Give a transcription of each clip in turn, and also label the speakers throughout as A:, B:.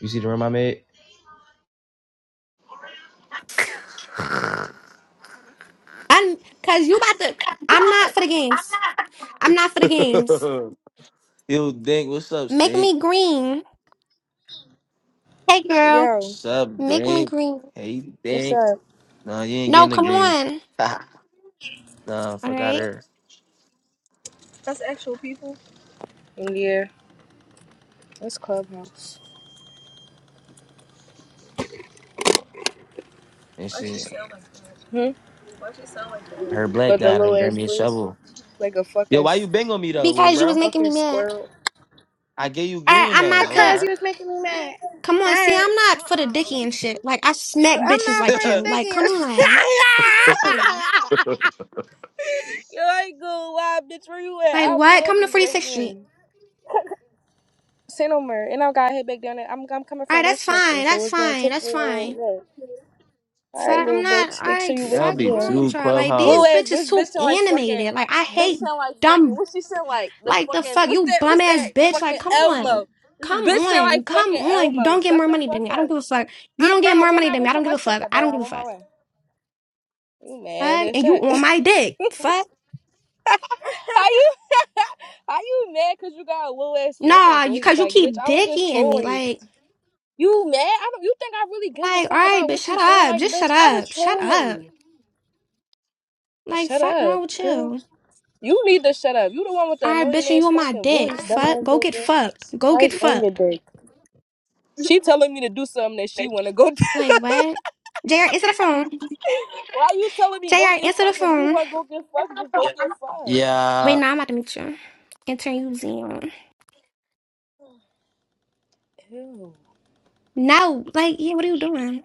A: You see the room I made?
B: I cause you about to I'm not for the games. I'm not for the games.
A: Yo, Dink, what's up,
B: Make
A: Stink?
B: me green. Hey girl,
C: Yo,
A: What's up,
B: make me
A: Dink?
B: green.
A: Hey,
C: what's
A: Dink.
C: up?
A: No, you ain't getting
B: No,
A: the
B: come
A: greens.
B: on.
A: No,
B: All
A: fuck out
B: right.
A: her.
C: Yeah, it's Clubhouse.
A: And she,
C: Hmm?
A: her black
C: With the
A: guy
C: little
A: and grab
C: ass
A: me a
C: voice,
A: shovel.
C: like a fucking
A: Yo, why you
C: s-
A: bang on me though, little
B: Because you was
A: bro?
B: making me
C: fucking
B: mad.
C: squirrel.
A: I gave you
B: All right,
A: green
B: I'm
A: though.
B: not
A: All
B: the
C: Because
A: right.
C: you was making me mad.
B: come on, see
C: Alright.
B: I'm not for the dicky and shit. Like I smack
C: But I'm
B: bitches
C: not for
B: like
C: the
B: you.
C: dick
B: Like,
C: in
B: come
C: your
B: on.
C: You ain't good, wild bitch. Where you at?
B: Like
C: I'll pull
B: what?
C: up
B: Come
C: on
B: to
C: you right
B: 46th Street.
C: now. Say no more. And I gotta head back down there. I'm, I'm coming
B: Alright,
C: from
B: that's
C: Westchester,
B: fine.
C: so
B: That's
C: it's gonna
B: fine.
C: take
B: That's
C: me a
B: fine.
C: little bit. Alright,
B: Fuck, I'm
C: little
B: not
C: bitch. Make sure
B: alright,
C: you with
A: That'll
B: fuck
A: be
C: me.
A: two
B: orange. you Like
C: Lil
B: these
A: clubhouse.
C: ass
B: bitches
C: bitch, bitch
B: too
C: sound like fucking,
B: animated. Like I
C: bitch
B: hate
C: sound like fucking,
B: dumb
C: what she sound like? The
B: Like the
C: fucking,
B: fuck,
C: what's
B: you
C: that,
B: bum
C: what's
B: ass
C: that
B: bitch. Like,
C: fucking
B: come on.
C: Elmo? This
B: Come
C: bitch sound
B: on.
C: like
B: Come
C: fucking
B: on. You
C: Elmo.
B: don't get
C: Shut
B: more
C: the
B: money than
C: fuck
B: me. I don't
C: up.
B: give a fuck. You don't
C: I'm, bro,
B: get
C: I'm
B: more
C: on
B: money
C: my
B: than
C: way
B: me. I don't
C: from
B: give a fuck.
C: Westchester,
B: I
C: bro.
B: don't give
C: I'm
B: a
C: on my
B: fuck.
C: way. You mad
B: Fuck.
C: as
B: And you
C: shit.
B: on my dick. Fuck.
C: how you, how you mad cause you got a little ass fucking
B: Nah, you
C: voice?
B: cause you
C: Like, bitch,
B: keep
C: I was
B: dick
C: just
B: eating me.
C: trolling you.
B: Like,
C: You mad? I don't, you think I really give a
B: like, all
C: fuck
B: right,
C: about
B: bitch,
C: what you
B: shut
C: sound
B: up.
C: like,
B: Just shut
C: bitch? I was
B: up. Shut
C: trolling
B: up.
C: you.
B: Like,
C: Shut
B: fuck
C: up,
B: wrong with
C: girl.
B: you.
C: You need to shut up. You the one with the
B: All right,
C: annoying
B: bitch, and you
C: ass
B: on my
C: fucking
B: dick.
C: voice. Dumb
B: Fuck.
C: ass
B: Go
C: little
B: get
C: girl.
B: fucked. Go
C: Why
B: get
C: is on your
B: fucked.
C: dick? She telling me to do something that she wanna go do.
B: Like, what? JR, answer the phone.
C: Why you telling me go
B: JR,
C: get
B: answer the
C: fucked? If you
B: phone.
C: wanna go get fucked, just go get fucked.
B: Wait,
A: Yeah,
B: now I'm about to meet you. Enter you, Zion.
C: Ew.
B: No, like, yeah, what are you doing?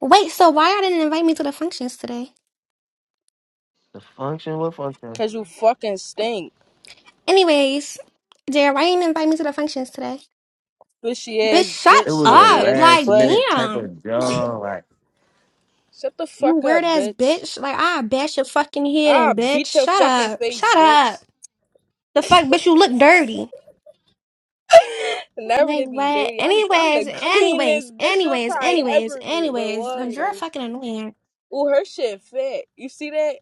B: Wait, so why I didn't invite me to the functions today?
A: the function. What function?
C: Cause you fucking stink.
B: Anyways, Jared, why you didn't invite me to the functions today?
C: Bushy
B: Bitch,
C: ass
B: shut
A: It
C: bitch,
A: was a
C: sweaty
B: up.
C: ass
A: last
B: Like,
C: butt.
A: minute type
B: damn.
A: of job. Like
C: Shut the
B: You
C: fuck
B: weird
C: up,
B: ass
C: bitch.
B: bitch. Like, I bash your fucking head
C: Ah,
B: in, bitch.
C: beat your
B: Shut
C: fucking
B: up.
C: face,
B: Shut up.
C: bitch.
B: The fuck, bitch, you look dirty.
C: Never
B: Like,
C: to be
B: what?
C: dirty. I'm I'm the
B: Anyways,
C: cleanest
B: anyways,
C: bitch you'll
B: anyways,
C: probably
B: anyways,
C: ever meet. But
B: anyways.
C: why?
B: Cause you're fucking annoying.
C: Ooh, her shit fat. You see that?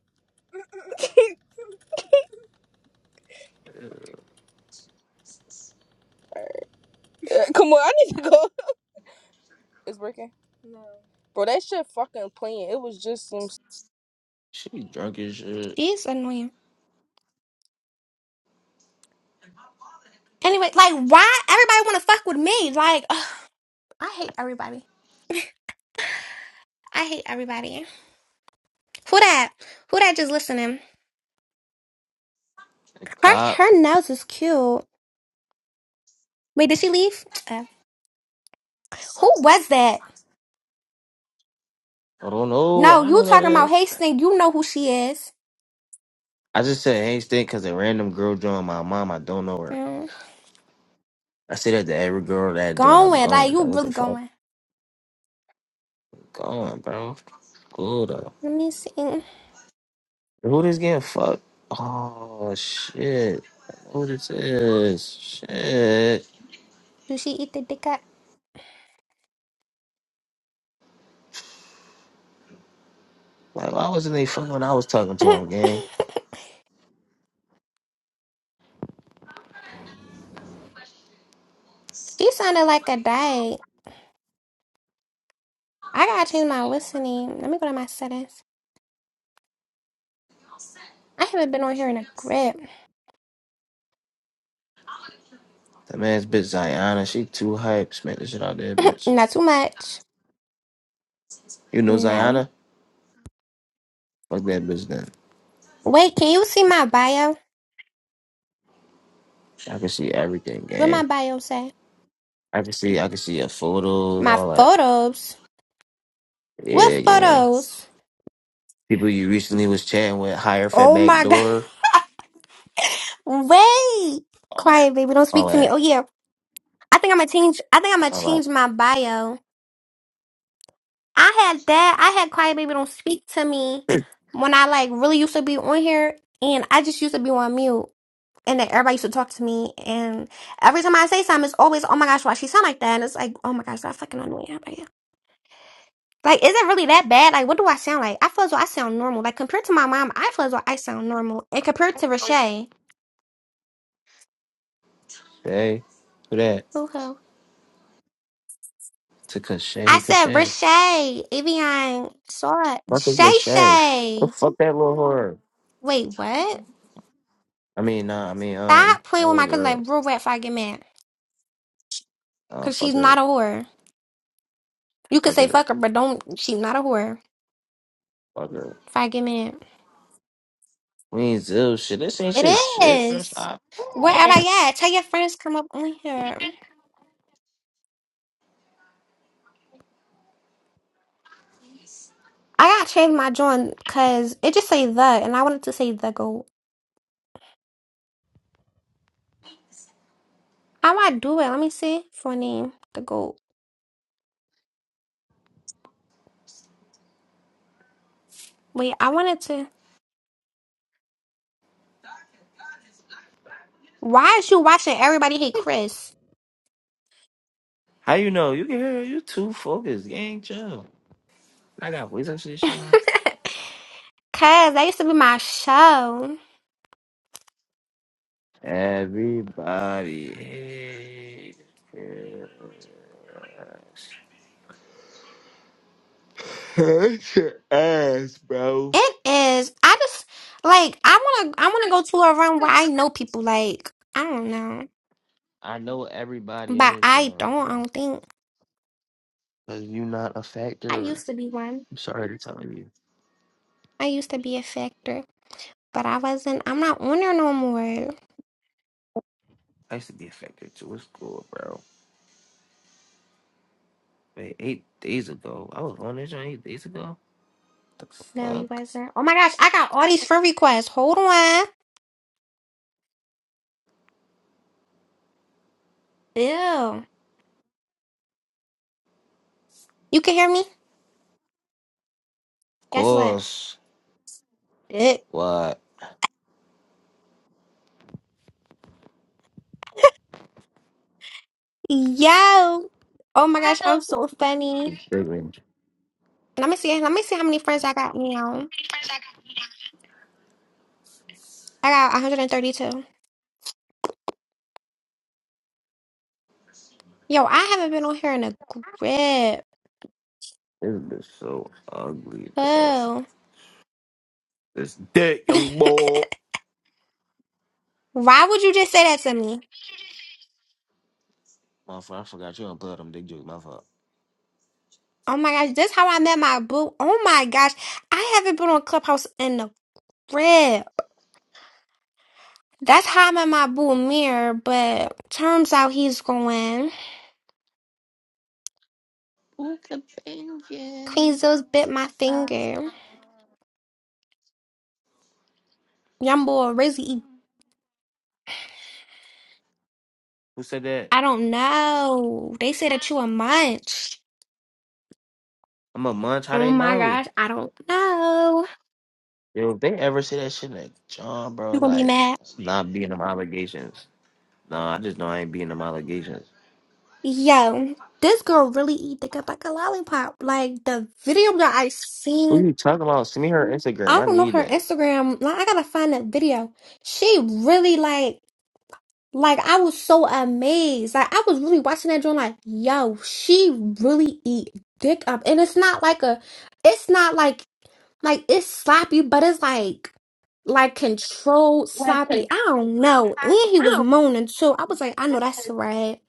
C: Come on, I need to go. It's working, bro. That shit fucking playing. It was just some
A: she drunk as shit.
B: She's annoying. Anyway, like, why everybody wanna fuck with me? Like, ugh, I hate everybody. I hate everybody. Who that? Who that just listening?
A: The
B: Her
A: cop.
B: her nose is cute. Wait, did she leave? Uh, who was that?
A: I don't know.
B: No,
A: I
B: you
A: don't know that.
B: talking about Hastings. You know who she is.
A: I just said Hank Stink because a random girl joined my mom. I don't know her.
B: Mm,
A: I say that to every girl that joined. I'm
B: Going. Like,
A: going, bro.
B: you
A: What the
B: really
A: fuck?
B: going.
A: Going, bro. Cool, though.
B: Let me see.
A: Who this getting fucked? Oh, shit. Who this is? Shit.
B: Did she eat the dick up?
A: Like, why wasn't they fucking when I was talking to him, gang?
B: she sounded like a dyke. I gotta change my whistle name. Let me go to my settings. I haven't been on here in a grip.
A: That man's bitch Ziana. She too hyped. Smack the shit out there, bitch.
B: Not too much.
A: You know
B: No.
A: Ziana? Fuck that bitch then.
B: Wait, can you see my bio?
A: I can see everything,
B: What my
A: gang.
B: bio say?
A: I can see, I can see your photos,
B: My
A: all that.
B: photos. What
A: Yeah, gang.
B: photos?
A: People you recently was chatting with, hire fat
B: Oh
A: back
B: my god.
A: door,
B: Wait. Quiet, baby. Don't
A: all
B: speak to me.
A: that,
B: Oh yeah. I think I'm gonna change I think I'm gonna
A: all
B: change my bio. I had that. I had quiet baby don't speak to me
A: that.
B: when I like really used to be on here and I just used to be on mute. And then everybody used to talk to me and every time I say something it's always, Oh my gosh, why she sound like that? And it's like, Oh my gosh, I fucking annoying everybody. Like, like, is it really that bad? Like, what do I sound like? I feel as though I sound normal. Like compared to my mom, I feel as though I sound normal. And compared to Rashay.
A: Hey, who that? To Cachet,
B: I
A: who
B: said
A: Cachet?
B: Rashay, Evian, Sora,
A: Fuck with
B: Shay
A: Cachet. Oh,
B: Shay.
A: fuck that little whore.
B: Wait, what?
A: I mean, nah, I mean, um,
B: Stop
A: that
B: playing with
A: little
B: my cousin
A: girl.
B: like real rat if I get mad.
A: Oh,
B: Cause
A: fuck
B: she's not
A: her,
B: a whore. You could
A: fuck
B: say
A: her,
B: fuck her, but don't she's not a whore
A: fuck her.
B: if I get mad.
A: We ain't do shit. This ain't
B: It
A: shit, shit, bro.
B: is.
A: Stop.
B: Where am I at? Tell your friends come up on here. I gotta change my joint because it just say the and I wanted to say the goat. How I do it? Let me see. For a name. The goat. Wait, I wanted to Why is you watching everybody hate Chris?
A: How you know? You can hear her. you too focused, gang. Chill. I got voice shit.
B: Cause that used to be my show.
A: Everybody is Hurt your ass, bro.
B: It is. I just like I wanna I wanna go to a room where I know people like I don't know.
A: I know everybody on
B: But
A: this
B: I
A: job,
B: don't I
A: bro.
B: don't think
A: Cause you not a
B: I
A: factor.
B: used to be one.
A: I'm sorry to tell you.
B: I used to be a factor. But I wasn't I'm not on there no more.
A: I used to be a factor too. It's cool, bro. Wait, eight days ago. I was on this joint eight days ago. The
B: No, you
A: fuck?
B: wasn't. Oh my gosh, I got all these
A: Of
B: friend requests. Hold on. Ew. You can hear me? Guess what?
A: course.
B: It.
A: What?
B: Yo. Oh my gosh, I'm so funny. Let me see. Let me see how many friends I got now. I got 132. Yo, I haven't been on here in a grip.
A: This bitch so ugly, bro.
B: Oh.
A: This dick, young boy.
B: Why would you just say that to me?
A: Motherfucker, I forgot you don't play them dick jokes. My fault.
B: Oh my gosh, this how I met my boo. Oh my gosh, I haven't been on Clubhouse in a grip. That's how I met my boo Mirror, but turns out he's going.
A: Ooh.
B: Queen Zeus bit my finger. Young boy Rizzy.
A: Who said that?
B: I don't know. They said that you a munch.
A: I'm a munch. How
B: Oh
A: they
B: my
A: know?
B: gosh, I don't know.
A: Yo, if they ever say that shit, like John, bro,
B: You gonna be
A: like
B: mad?
A: not being them allegations. Nah, I just know I ain't being them allegations.
B: Yo, this girl really eat the cup like a lollipop. Like the video that I
A: What are
B: seen,
A: you talking about? Send me her Instagram.
B: I
A: I
B: don't know
A: need
B: her
A: that.
B: Instagram. Like I gotta find that video. She really like, like I was so amazed. Like I was really watching that joint. Like yo, she really eat dick up, and it's not like a, it's not like like it's sloppy, but it's like like controlled
A: Brother,
B: sloppy. I don't know. And he was moaning too. I was like, I know that's right.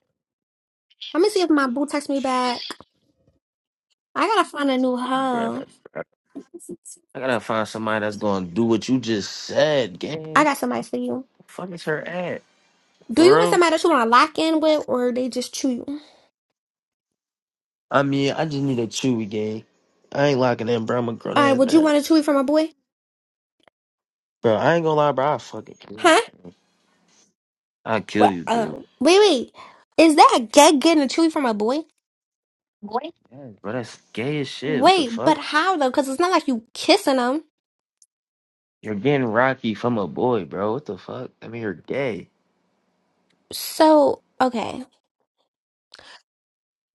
B: Let me see if my boo texts me back. I gotta find a new hoe.
A: brother. I gotta find somebody that's gonna do what you just said,
B: I
A: gang.
B: got somebody for you.
A: Fuck is her at?
B: Do you
A: For
B: want
A: real?
B: somebody that you wanna lock in with or they just chew you?
A: I mean, I just need a chewy gang. I ain't locking in, bro. I'm a grown
B: Alright,
A: ass
B: would you
A: man,
B: want a chewy from a boy?
A: bro. I ain't gonna lie, bro. I fucking kill you.
B: Huh?
A: I kill
B: What
A: you,
B: uh
A: dude.
B: wait wait. Is that a gay getting a chewy from a boy?
A: What? Yes, bro, that's gay as shit. What the
B: Wait,
A: fuck?
B: but how though? Cause it's not like you kissing them.
A: You're getting rocky from a boy, bro. What the fuck? I mean, you're gay.
B: So okay.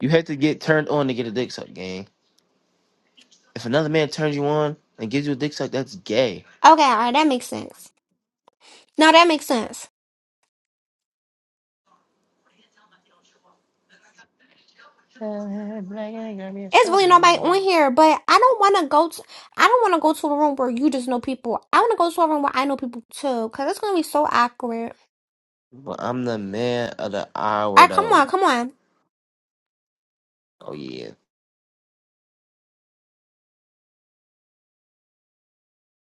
A: You had to get turned on to get a dick suck, gang. If another man turns you on and gives you a dick suck, that's gay.
B: Okay, alright, that makes sense. No, that makes sense.
A: But
B: It's really nobody on here, but I don't wanna go to I don't wanna go to a room where you just know people. I wanna go to a room where I know people too, cause it's gonna be so awkward.
A: I'm the man of the hour,
B: Alright, come
A: though.
B: on, come on.
A: Oh yeah.